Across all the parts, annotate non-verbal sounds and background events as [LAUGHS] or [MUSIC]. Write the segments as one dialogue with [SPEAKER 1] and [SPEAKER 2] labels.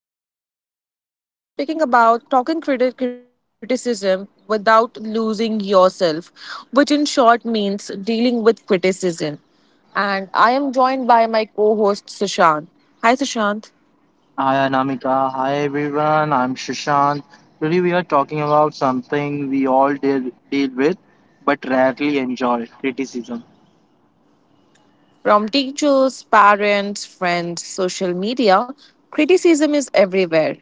[SPEAKER 1] Anamika, and today we are speaking about talking criticism without losing yourself, which in short means dealing with criticism. And I am joined by my co host, Sushant. Hi, Sushant.
[SPEAKER 2] Hi Anamika, hi everyone, I'm Shashank. Today we are talking about something we all deal with but rarely enjoy criticism.
[SPEAKER 1] From teachers, parents, friends, social media, criticism is everywhere.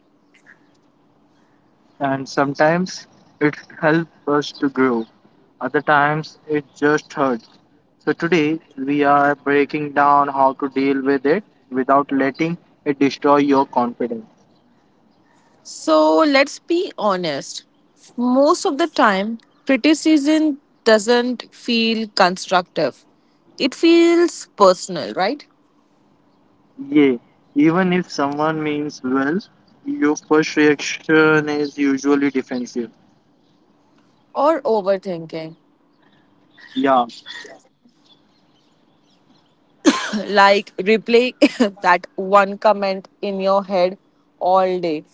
[SPEAKER 2] And sometimes it helps us to grow, other times it just hurts. So today we are breaking down how to deal with it without letting it destroy your confidence.
[SPEAKER 1] So let's be honest. Most of the time, criticism doesn't feel constructive. It feels personal, right?
[SPEAKER 2] Yeah, even if someone means well, your first reaction is usually defensive.
[SPEAKER 1] Or overthinking.
[SPEAKER 2] Yeah.
[SPEAKER 1] [CLEARS THROAT] Like replay [LAUGHS] that one comment in your head all day.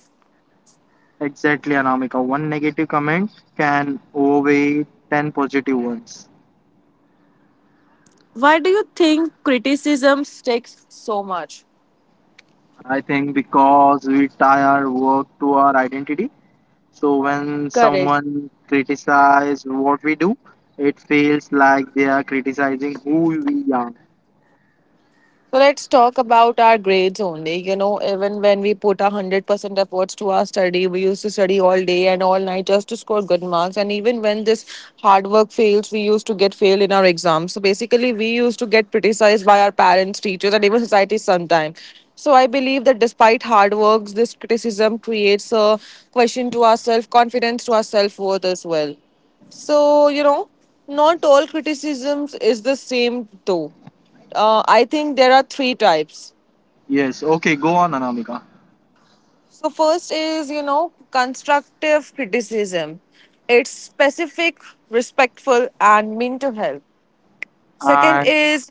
[SPEAKER 2] Exactly, Anamika. One negative comment can outweigh 10 positive ones.
[SPEAKER 1] Why do you think criticism sticks so much?
[SPEAKER 2] I think because we tie our work to our identity. So when
[SPEAKER 1] Correct.
[SPEAKER 2] someone criticizes what we do, it feels like they are criticizing who we are.
[SPEAKER 1] So let's talk about our grades only. Even when we put 100% efforts to our study, we used to study all day and all night just to score good marks. And even when this hard work fails, we used to get failed in our exams. So basically, we used to get criticized by our parents, teachers, and even society sometimes. So I believe that despite hard works, this criticism creates a question to our self confidence, to our self worth as well. So you know, Not all criticisms is the same though. I think there are three types.
[SPEAKER 2] Yes, okay, go on, Anamika.
[SPEAKER 1] So, first is, constructive criticism. It's specific, respectful, and mean to help. Second
[SPEAKER 2] And,
[SPEAKER 1] is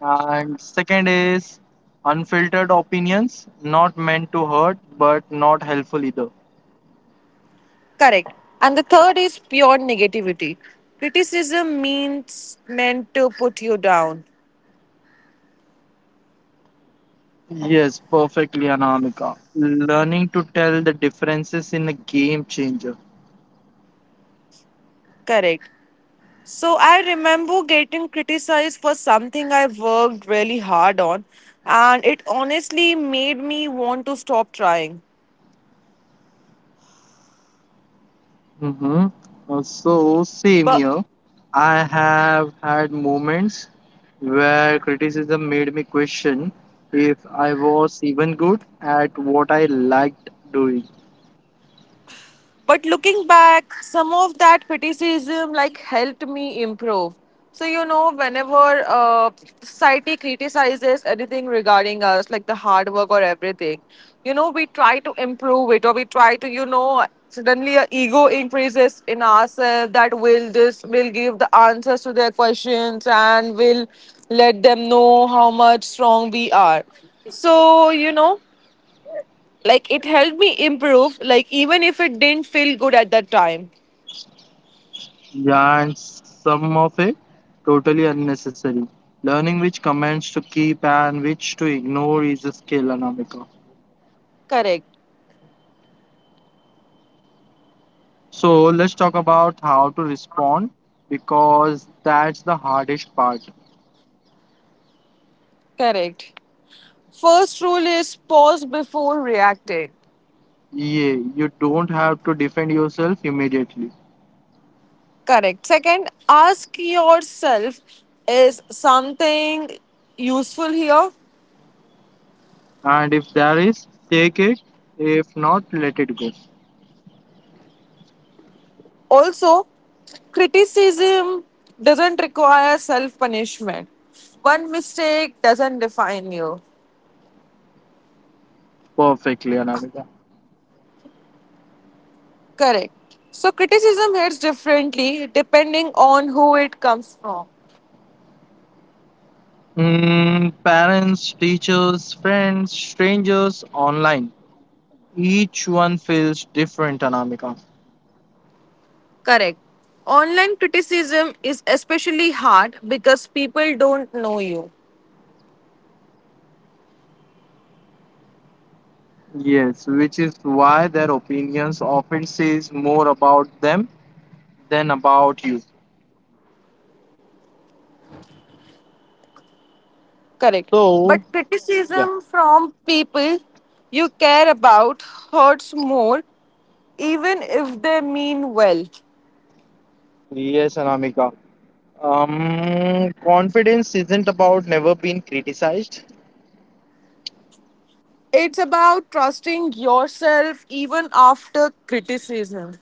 [SPEAKER 2] and second is unfiltered opinions, not meant to hurt, but not helpful either.
[SPEAKER 1] correct. And the third is pure negativity. Criticism means meant to put you down.
[SPEAKER 2] Yes, perfectly, Anamika. Learning to tell the differences in a game changer.
[SPEAKER 1] Correct. So I remember getting criticized for something I worked really hard on, and it honestly made me want to stop trying.
[SPEAKER 2] Mm-hmm. So, same
[SPEAKER 1] But
[SPEAKER 2] here. I have had moments where criticism made me question if I was even good at what I liked doing.
[SPEAKER 1] But looking back, some of that criticism like helped me improve. So whenever society criticizes anything regarding us, like the hard work or everything, we try to improve it or we try to, suddenly our ego increases in ourselves that will this will give the answers to their questions and will let them know how much strong we are. So like it helped me improve, like even if it didn't feel good at that time.
[SPEAKER 2] Yeah, and some of it totally unnecessary. Learning which comments to keep and which to ignore is a skill, Anamika.
[SPEAKER 1] Correct.
[SPEAKER 2] So let's talk about how to respond because that's the hardest part.
[SPEAKER 1] Correct. First rule is pause before reacting.
[SPEAKER 2] Yeah, you don't have to defend yourself immediately.
[SPEAKER 1] Correct. Second, ask yourself is something useful here?
[SPEAKER 2] And if there is, take it. If not, let it go.
[SPEAKER 1] Also, criticism doesn't require self punishment. One mistake doesn't define you.
[SPEAKER 2] Perfectly, Anamika.
[SPEAKER 1] Correct. So, criticism hits differently depending on who it comes from.
[SPEAKER 2] Mm, parents, teachers, friends, strangers, online. Each one feels different, Anamika.
[SPEAKER 1] Correct. Online criticism is especially hard because people don't know you.
[SPEAKER 2] Yes, which is why their opinions often says more about them than about you.
[SPEAKER 1] Correct. But
[SPEAKER 2] So, yeah.
[SPEAKER 1] criticism from people you care about hurts more, even if they mean well.
[SPEAKER 2] Yes, Anamika. Confidence isn't about never being criticized.
[SPEAKER 1] It's about trusting yourself even after criticism.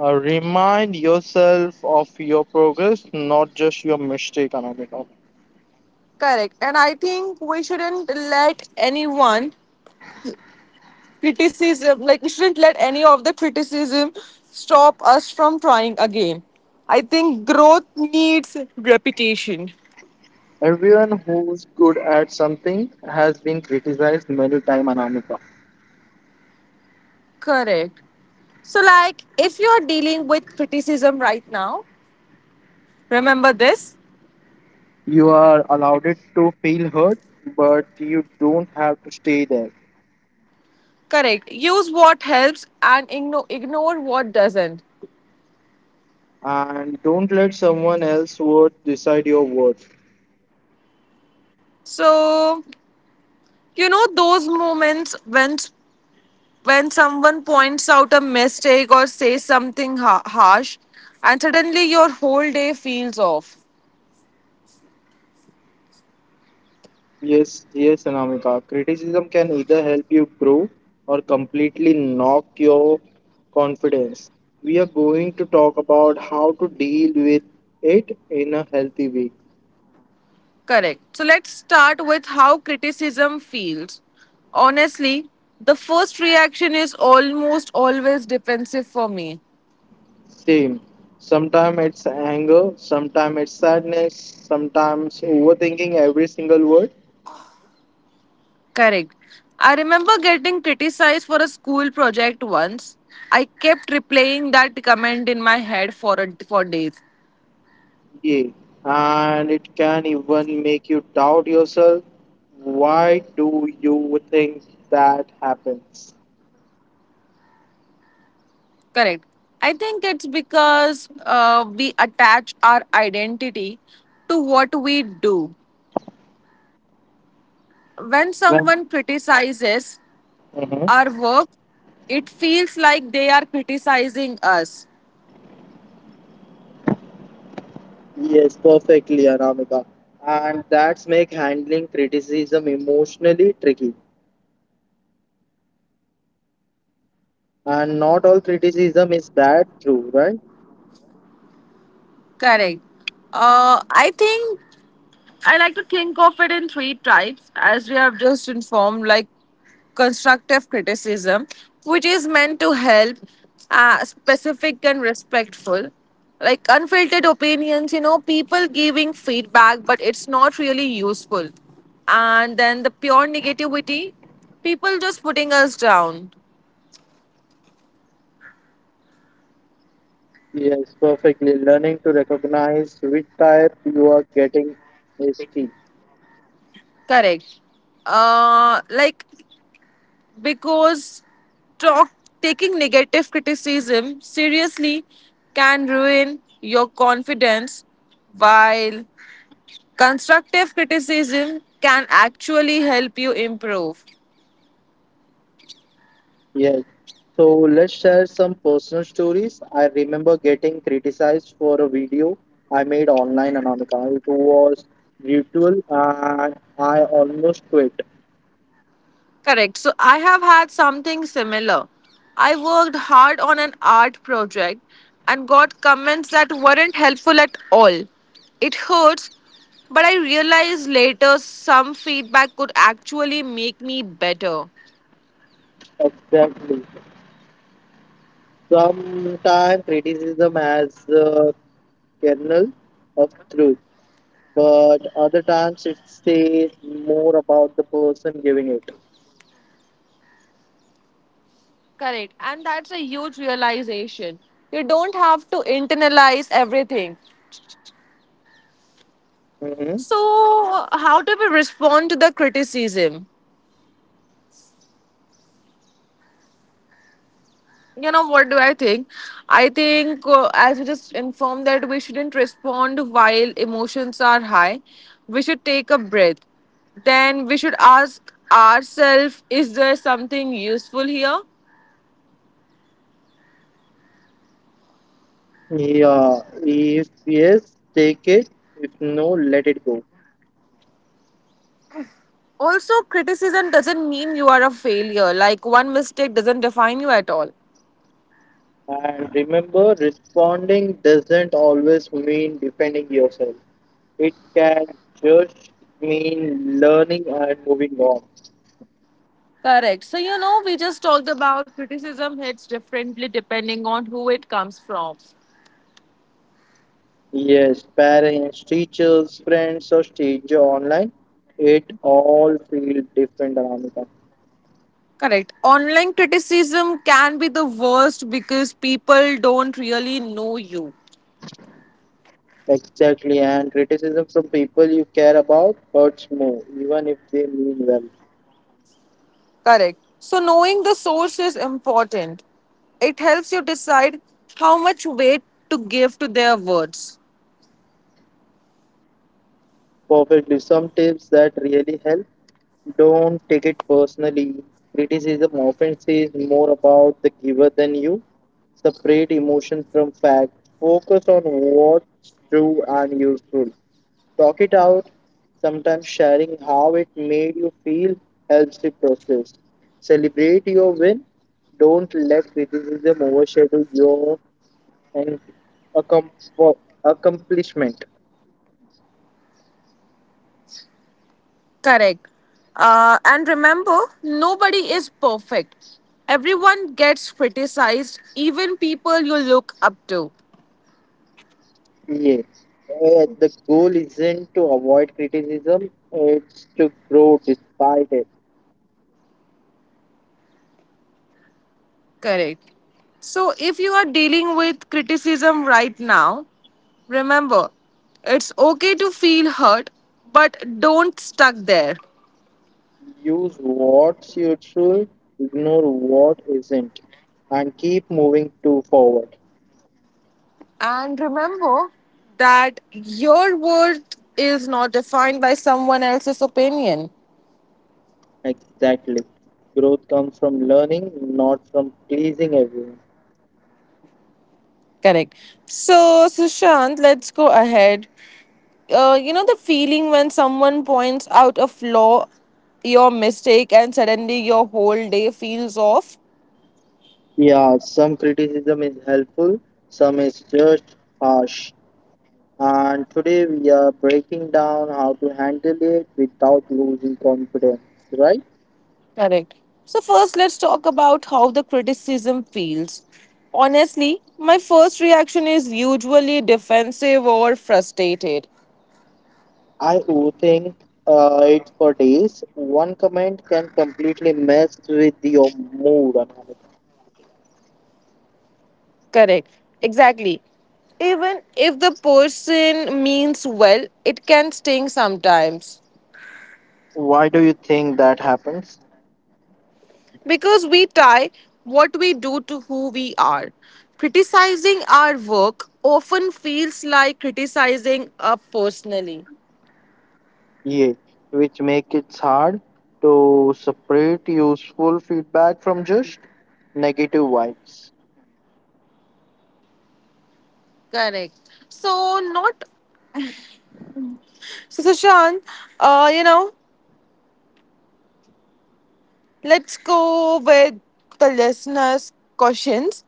[SPEAKER 2] Remind yourself of your progress, not just your mistake, Anamika.
[SPEAKER 1] Correct. And I think we shouldn't let anyone criticism like we shouldn't let any of the criticism stop us from trying again. I think growth needs repetition.
[SPEAKER 2] Everyone who's good at something has been criticized many times, Anamika.
[SPEAKER 1] Correct. So, like, if you're dealing with criticism right now, remember this
[SPEAKER 2] You are allowed it to feel hurt, but you don't have to stay there.
[SPEAKER 1] correct, use what helps and ignore what doesn't.
[SPEAKER 2] And don't let someone else's word decide your worth.
[SPEAKER 1] So those moments when someone points out a mistake or says something harsh and suddenly your whole day feels off.
[SPEAKER 2] Yes, yes, Anamika. Criticism can either help you grow or completely knock your confidence. We are going to talk about how to deal with it in a healthy way.
[SPEAKER 1] Correct. So let's start with how criticism feels. Honestly, the first reaction is almost always defensive for me.
[SPEAKER 2] Same. Sometimes it's anger, sometimes it's sadness, sometimes overthinking every single word.
[SPEAKER 1] Correct. I remember getting criticized for a school project once. I kept replaying that comment in my head for for days.
[SPEAKER 2] Yeah. And it can even make you doubt yourself. Why do you think that happens?
[SPEAKER 1] Correct. I think it's because we attach our identity to what we do. When
[SPEAKER 2] When?
[SPEAKER 1] someone criticizes,
[SPEAKER 2] Mhm.
[SPEAKER 1] our work, it feels like they are criticizing us.
[SPEAKER 2] Yes, perfectly, Anamika. And that's make handling criticism emotionally tricky. And not all criticism is bad, true, right?
[SPEAKER 1] Correct. I think I like to think of it in three types, as we have just informed, like constructive criticism, which is meant to help, specific and respectful. Like unfiltered opinions, people giving feedback, but it's not really useful. And then the pure negativity, people just putting us down.
[SPEAKER 2] Yes, perfectly. Learning to recognize which type you are getting is key.
[SPEAKER 1] Correct. Like, because talk taking negative criticism seriously can ruin your confidence, while constructive criticism can actually help you improve.
[SPEAKER 2] Yes. So let's share some personal stories. I remember getting criticized for a video I made online, Anamika. It was brutal, and I almost quit.
[SPEAKER 1] Correct. So I have had something similar. I worked hard on an art project and got comments that weren't helpful at all. It hurts, but I realized later some feedback could actually make me better.
[SPEAKER 2] Exactly. Sometimes criticism has a kernel of truth, but other times it says more about the person giving it.
[SPEAKER 1] Correct. And that's a huge realization. You don't have to internalize everything.
[SPEAKER 2] Hmm.
[SPEAKER 1] So, how do we respond to the criticism? What do I think? I think as we just informed, that we shouldn't respond while emotions are high. We should take a breath, then we should ask ourselves is there something useful here.
[SPEAKER 2] Yeah, if yes, take it. If no, let it go.
[SPEAKER 1] Also, criticism doesn't mean you are a failure. Like one mistake doesn't define you at all.
[SPEAKER 2] And remember, responding doesn't always mean defending yourself. It can just mean learning and moving on.
[SPEAKER 1] Correct. So we just talked about criticism hits differently depending on who it comes from.
[SPEAKER 2] Yes, parents, teachers, friends, or stage online, it all feels different, Anamika.
[SPEAKER 1] Correct. Online criticism can be the worst because people don't really know you.
[SPEAKER 2] Exactly, and criticism from people you care about hurts more, even if they mean well.
[SPEAKER 1] Correct. So, knowing the source is important. It helps you decide how much weight to give to their words.
[SPEAKER 2] Perfectly, some tips that really help. Don't take it personally. Criticism often says more about the giver than you. Separate emotion from fact. Focus on what's true and useful. Talk it out, sometimes sharing how it made you feel helps the process. Celebrate your win. Don't let criticism overshadow your and accom- accomplishment.
[SPEAKER 1] Correct. And remember, nobody is perfect. Everyone gets criticized, even people you look up to.
[SPEAKER 2] Yeah. The goal isn't to avoid criticism, it's to grow despite it.
[SPEAKER 1] Correct. So, if you are dealing with criticism right now, remember, it's okay to feel hurt, but don't stuck there.
[SPEAKER 2] Use what's useful, ignore what isn't, and keep moving to forward.
[SPEAKER 1] And remember that your worth is not defined by someone else's opinion.
[SPEAKER 2] Exactly. Growth comes from learning, not from pleasing everyone.
[SPEAKER 1] Correct. So, Sushant, let's go ahead. You know the feeling when someone points out a flaw, your mistake, and suddenly your whole day feels off?
[SPEAKER 2] Yeah, some criticism is helpful, some is just harsh. And today we are breaking down how to handle it without losing confidence, right?
[SPEAKER 1] Correct. So, first, let's talk about how the criticism feels. Honestly, my first reaction is usually defensive or frustrated.
[SPEAKER 2] I overthink it for days. One comment can completely mess with your mood, Anamika.
[SPEAKER 1] Correct. Exactly. Even if the person means well, it can sting sometimes
[SPEAKER 2] Why do you think that happens?
[SPEAKER 1] because we tie what we do to who we are. Criticizing our work often feels like criticizing us personally.
[SPEAKER 2] Yeah, which make it hard to separate useful feedback from just negative vibes.
[SPEAKER 1] Correct. So, not So, Sushant, you know, let's go with the listeners' questions.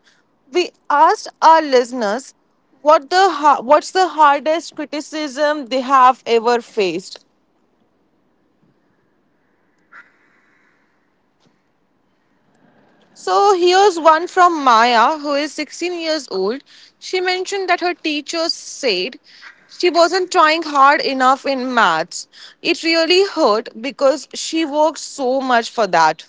[SPEAKER 1] We asked our listeners what the what's the hardest criticism they have ever faced. So here's one from Maya, who is 16 years old. She mentioned that her teachers said she wasn't trying hard enough in maths. It really hurt because she worked so much for that.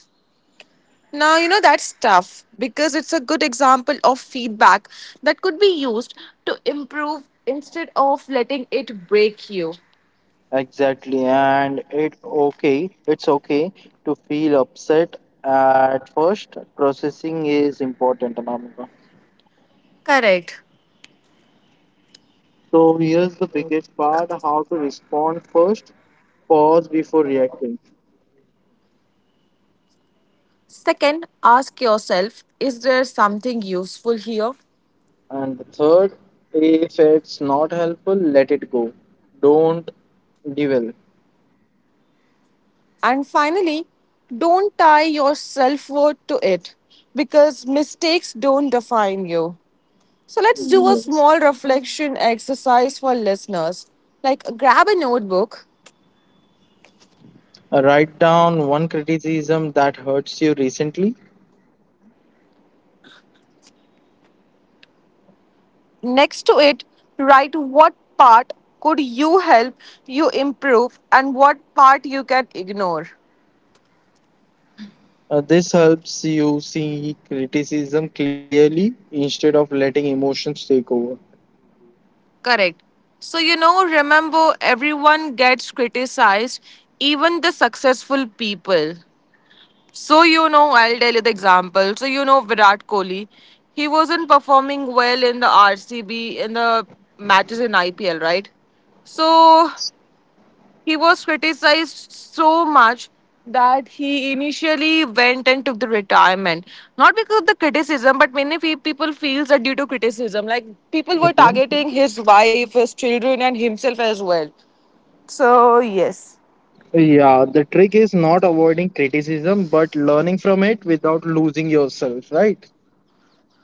[SPEAKER 1] Now, that's tough because it's a good example of feedback that could be used to improve instead of letting it break you.
[SPEAKER 2] Exactly, and it okay, it's okay to feel upset at first. Processing is important, Anamika.
[SPEAKER 1] Correct.
[SPEAKER 2] So here's the biggest part: how to respond first. Pause before reacting.
[SPEAKER 1] Second, ask yourself is there something useful here?
[SPEAKER 2] And the third, if it's not helpful, let it go. Don't dwell.
[SPEAKER 1] And finally, don't tie your self worth to it because mistakes don't define you. So let's do a
[SPEAKER 2] Yes.
[SPEAKER 1] small reflection exercise for listeners. Like grab a notebook.
[SPEAKER 2] Write down one criticism that hurts you recently.
[SPEAKER 1] Next to it, write what part could you help you improve and what part you can ignore.
[SPEAKER 2] This helps you see criticism clearly instead of letting emotions take over.
[SPEAKER 1] Correct. So, remember everyone gets criticized, even the successful people. So, I'll tell you the example. So, Virat Kohli, he wasn't performing well in the RCB in the matches in IPL, right? So he was criticized so much that he initially went and took the retirement. Not because of the criticism, but many people feels that due to criticism, like people were
[SPEAKER 2] Mhm.
[SPEAKER 1] targeting his wife, his children, and himself as well. So yes,
[SPEAKER 2] Yeah, the trick is not avoiding criticism but learning from it without losing yourself, right?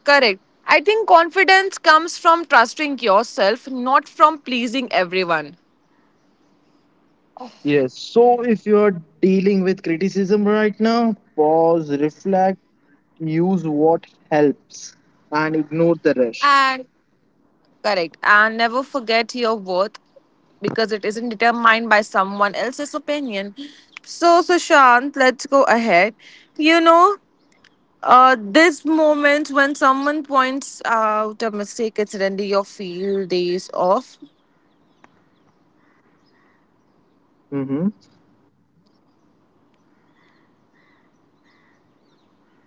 [SPEAKER 1] correct. I think confidence comes from trusting yourself, not from pleasing everyone.
[SPEAKER 2] Yes. So if you are dealing with criticism right now, pause, reflect, use what helps, and ignore the rest.
[SPEAKER 1] And correct. And never forget your worth, because it isn't determined by someone else's opinion. So, Sushant, let's go ahead. You know, this moment when someone points out a mistake, it's Randy, your field days off.
[SPEAKER 2] Mm-hmm.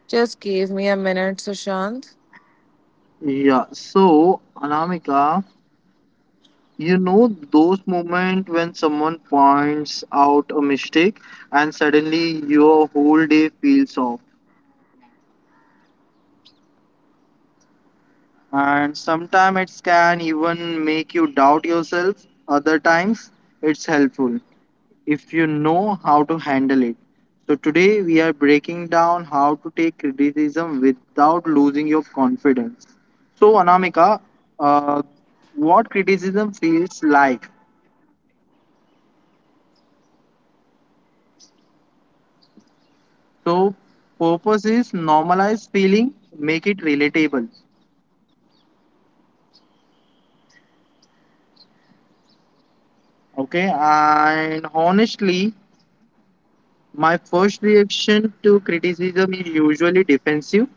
[SPEAKER 1] Just give me a minute, Sushant.
[SPEAKER 2] Yeah. So, Anamika, you know those moments when someone points out a mistake and suddenly your whole day feels off. And sometimes it can even make you doubt yourself. Other times it's helpful if you know how to handle it. So today we are breaking down how to take criticism without losing your confidence. So Anamika, uh, what criticism feels like? So purpose is normalize feeling, make it relatable. Okay, and honestly, my first reaction to criticism is usually defensive,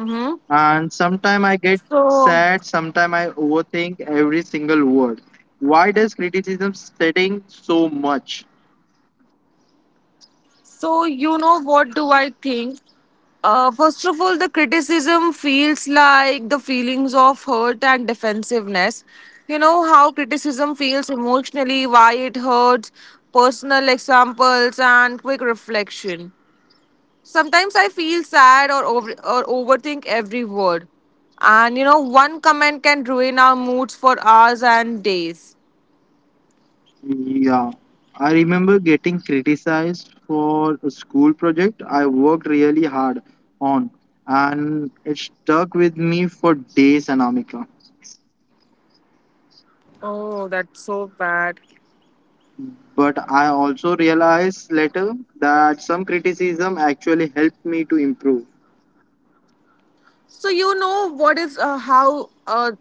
[SPEAKER 1] Mm-hmm.
[SPEAKER 2] and sometimes I get
[SPEAKER 1] So,
[SPEAKER 2] sad, sometimes I overthink every single word. Why does criticism setting so much?
[SPEAKER 1] So, you know what do I think? First of all, the criticism feels like the feelings of hurt and defensiveness. You know how criticism feels emotionally, why it hurts, personal examples, and quick reflection. Sometimes I feel sad or overthink every word. And one comment can ruin our moods for hours and days.
[SPEAKER 2] Yeah, I remember getting criticized for a school project I worked really hard on, and it stuck with me for days, Anamika.
[SPEAKER 1] Oh, that's so bad.
[SPEAKER 2] But I also realized later that some criticism actually helped me to improve.
[SPEAKER 1] So you know what is how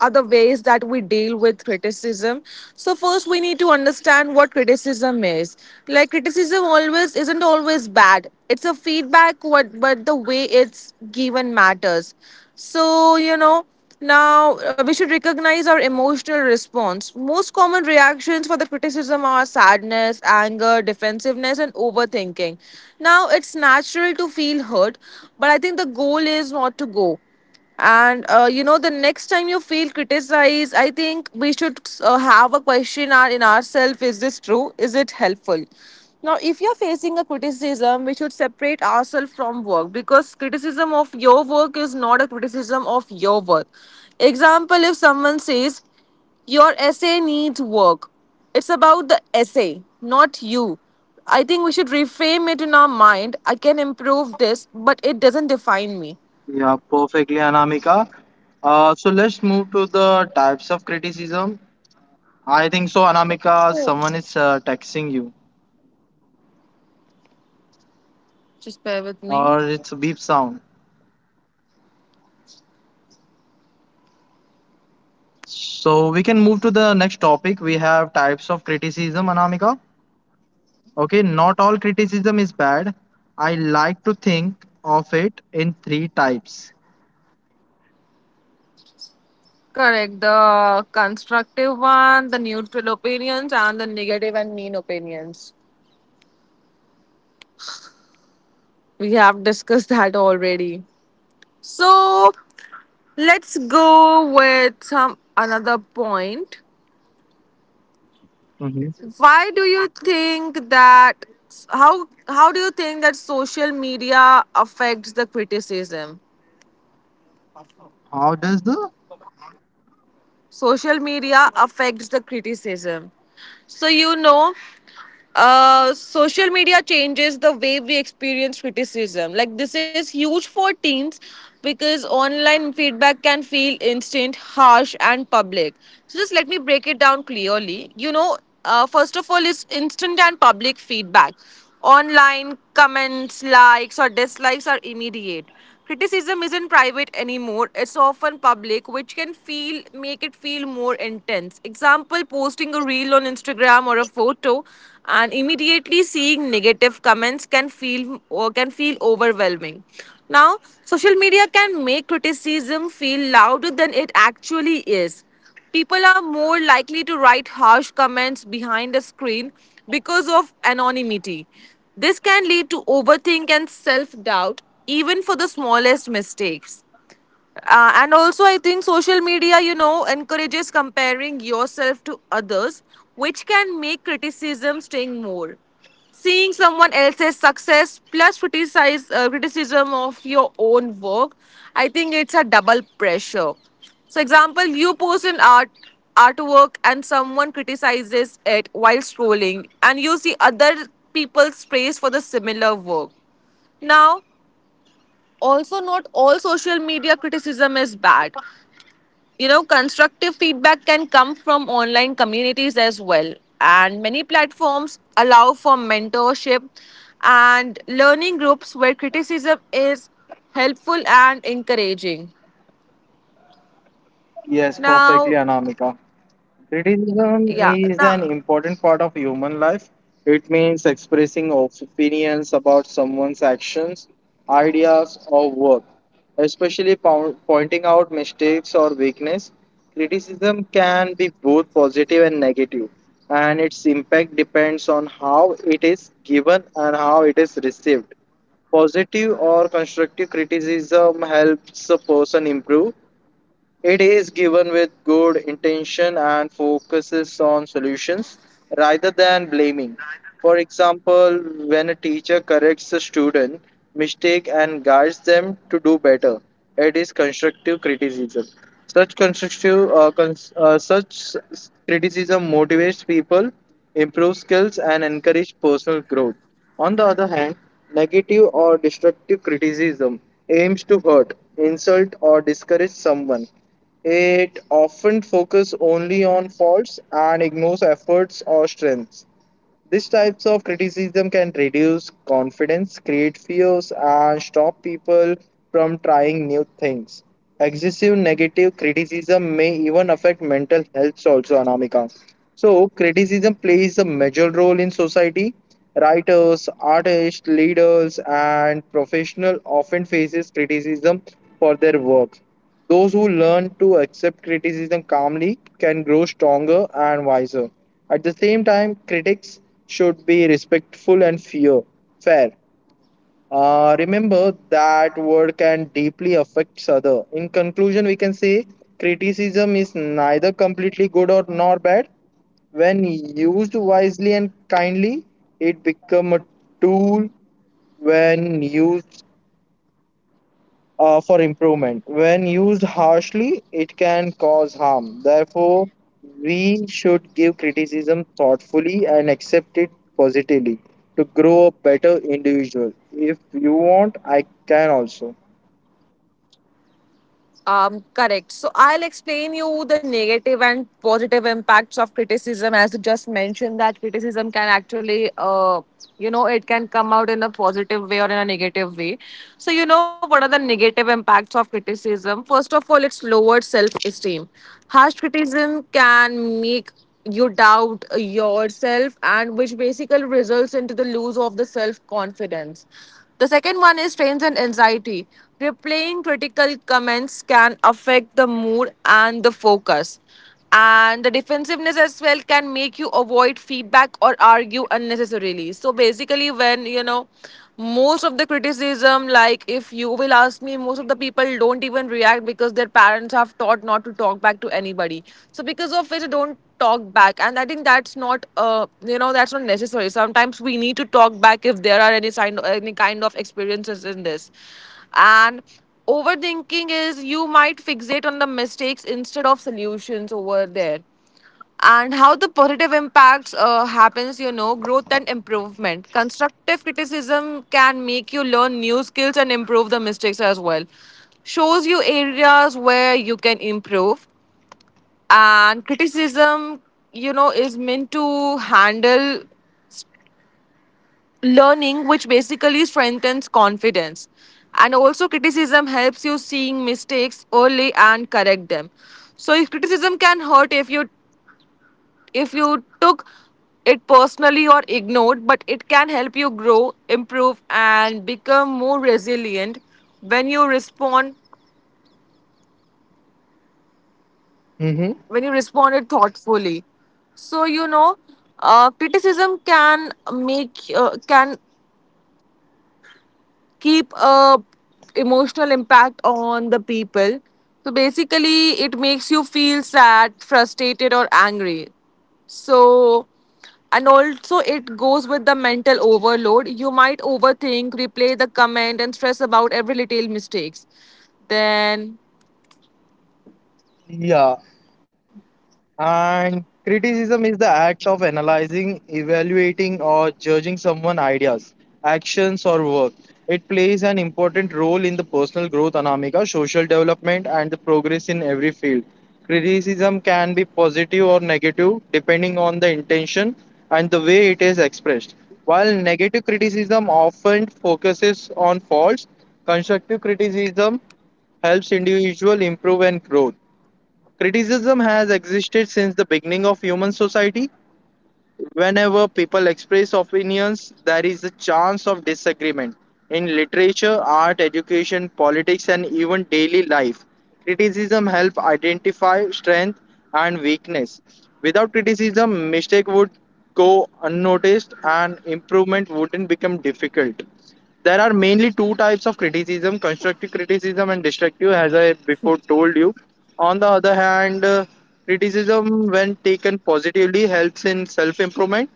[SPEAKER 1] are the ways that we deal with criticism. So first we need to understand what criticism is. Like criticism always isn't always bad. It's a feedback what but the way it's given matters. So, now we should recognize our emotional response. Most common reactions for the criticism are sadness, anger, defensiveness and overthinking. Now it's natural to feel hurt, but I think the goal is not to go. And the next time you feel criticized, I think we should have a question in ourselves, is this true? Is it helpful? Now, if you're facing a criticism, we should separate ourselves from work because criticism of your work is not a criticism of your work. Example if someone says, your essay needs work. It's about the essay, not you. I think we should reframe it in our mind. I can improve this, but it doesn't define me.
[SPEAKER 2] Yeah, perfectly, Anamika. So, let's move to the types of criticism. I think so, Anamika. Someone is texting you,
[SPEAKER 1] Just bear with me.
[SPEAKER 2] or it's a beep sound. So we can move to the next topic. We have types of criticism, Anamika. Okay, not all criticism is bad. I like to think of it in three types.
[SPEAKER 1] Correct. The constructive one, the neutral opinions, and the negative and mean opinions. We have discussed [LAUGHS] that already. So let's go with some another point.
[SPEAKER 2] Mhm.
[SPEAKER 1] Why do you think that? How do you think that social media affects the criticism?
[SPEAKER 2] How does the?
[SPEAKER 1] Social media affects the criticism. So social media changes the way we experience criticism. Like, this is huge for teens because online feedback can feel instant, harsh, and public. So, just let me break it down clearly. First of all, is instant and public feedback. Online comments, likes, or dislikes are immediate. Criticism isn't private anymore, it's often public, which can feel make it feel more intense. Example, posting a reel on Instagram or a photo and immediately seeing negative comments can feel overwhelming. Now, social media can make criticism feel louder than it actually is. People are more likely to write harsh comments behind a screen because of anonymity. This can lead to overthink and self doubt, even for the smallest mistakes. And also, I think social media, encourages comparing yourself to others, which can make criticism sting more. Seeing someone else's success plus criticize criticism of your own work, I think it's a double pressure. So, example, you post an artwork and someone criticizes it while scrolling, and you see other people's praise for the similar work. Now, also, not all social media criticism is bad. You know, constructive feedback can come from online communities as well, and many platforms allow for mentorship and learning groups where criticism is helpful and encouraging.
[SPEAKER 2] Yes, perfectly,
[SPEAKER 1] Now.
[SPEAKER 2] Anamika. Criticism
[SPEAKER 1] Yeah,
[SPEAKER 2] is an
[SPEAKER 1] now.
[SPEAKER 2] important part of human life. It means expressing opinions about someone's actions, ideas, or work, especially pointing out mistakes or weakness. Criticism can be both positive and negative, and its impact depends on how it is given and how it is received. Positive or constructive criticism helps a person improve. It is given with good intention and focuses on solutions rather than blaming. For example, when a teacher corrects a student mistake and guides them to do better, it is constructive criticism. Such criticism motivates people, improves skills, and encourages personal growth. On the other hand, negative or destructive criticism aims to hurt, insult, or discourage someone. It often focuses only on faults and ignores efforts or strengths. These types of criticism can reduce confidence, create fears, and stop people from trying new things. Excessive negative criticism may even affect mental health, also, Anamika. So, criticism plays a major role in society. Writers, artists, leaders, and professionals often faces criticism for their work. Those who learn to accept criticism calmly can grow stronger and wiser. At the same time, critics should be respectful and fair. Remember that word can deeply affect other. In conclusion, we can say criticism is neither completely good or nor bad. When used wisely and kindly, it become a tool. When used for improvement. When used harshly, it can cause harm. Therefore, we should give criticism thoughtfully and accept it positively to grow a better individual. If you want, I can also.
[SPEAKER 1] Correct. So I'll explain you the negative and positive impacts of criticism. As you just mentioned, that criticism can it can come out in a positive way or in a negative way. So you know, what are the negative impacts of criticism? First of all, it's lowered self-esteem. Harsh criticism can make you doubt yourself, and which basically results into the lose of the self-confidence. The second one is strains and anxiety. Replaying critical comments can affect the mood and the focus. And the defensiveness as well can make you avoid feedback or argue unnecessarily. So basically, when you know most of the criticism, like if you will ask me, most of the people don't even react because their parents have taught not to talk back to anybody. So because of which, they don't talk back, and I think that's not a you know that's not necessary. Sometimes we need to talk back if there are any kind of experiences in this. And overthinking is, you might fixate on the mistakes instead of solutions over there. And how the positive impacts happens, you know, growth and improvement. Constructive criticism can make you learn new skills and improve the mistakes as well, shows you areas where you can improve. And criticism, you know, is meant to handle learning, which basically strengthens confidence. And also criticism helps you seeing mistakes early and correct them. So if criticism can hurt if you took it personally or ignored, but it can help you grow, improve, and become more resilient when you respond
[SPEAKER 2] Mm-hmm.
[SPEAKER 1] when you responded thoughtfully. So you know, criticism can keep a emotional impact on the people. So basically, it makes you feel sad, frustrated, or angry. So, and also it goes with the mental overload. You might overthink, replay the comment, and stress about every little mistakes. Then.
[SPEAKER 2] Yeah, and criticism is the act of analyzing, evaluating, or judging someone's ideas, actions, or work. It plays an important role in the personal growth, Anamika, social development, and the progress in every field. Criticism can be positive or negative depending on the intention and the way it is expressed. While negative criticism often focuses on faults, constructive criticism helps individual improve and grow. Criticism has existed since the beginning of human society. Whenever people express opinions, there is a chance of disagreement. In literature, art, education, politics, and even daily life, criticism helps identify strength and weakness. Without criticism, mistake would go unnoticed and improvement wouldn't become difficult. There are mainly two types of criticism: constructive criticism and destructive, as I before told you. On the other hand, criticism, when taken positively, helps in self improvement.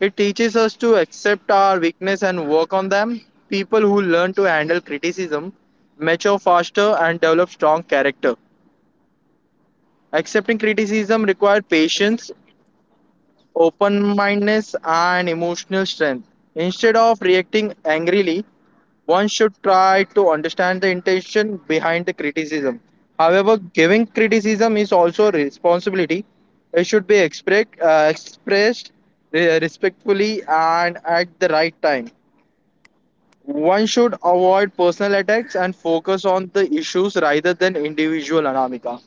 [SPEAKER 2] It teaches us to accept our weakness and work on them. People who learn to handle criticism mature faster and develop strong character. Accepting criticism requires patience, open mindedness, and emotional strength. Instead of reacting angrily, one should try to understand the intention behind the criticism. However, giving criticism is also a responsibility. It should be expressed respectfully and at the right time. One should avoid personal attacks and focus on the issues rather than individual, Anamika.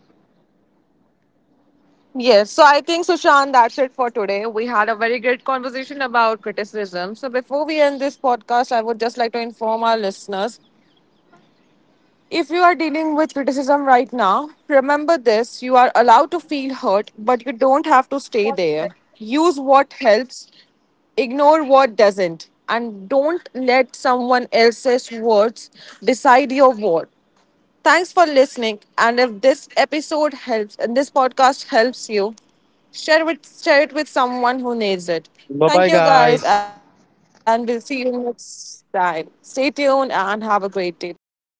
[SPEAKER 1] Yes, so I think, Sushant, that's it for today. We had a very great conversation about criticism. So, before we end this podcast, I would just like to inform our listeners, if you are dealing with criticism right now, remember this, you are allowed to feel hurt, but you don't have to stay there. Use what helps, ignore what doesn't, and don't let someone else's words decide your worth. Thanks for listening. And if this episode helps and this podcast helps you, share it with someone who needs it.
[SPEAKER 2] Bye
[SPEAKER 1] Thank
[SPEAKER 2] bye,
[SPEAKER 1] you guys,
[SPEAKER 2] guys.
[SPEAKER 1] and we'll see you next time. Stay tuned and have a great day. Bye.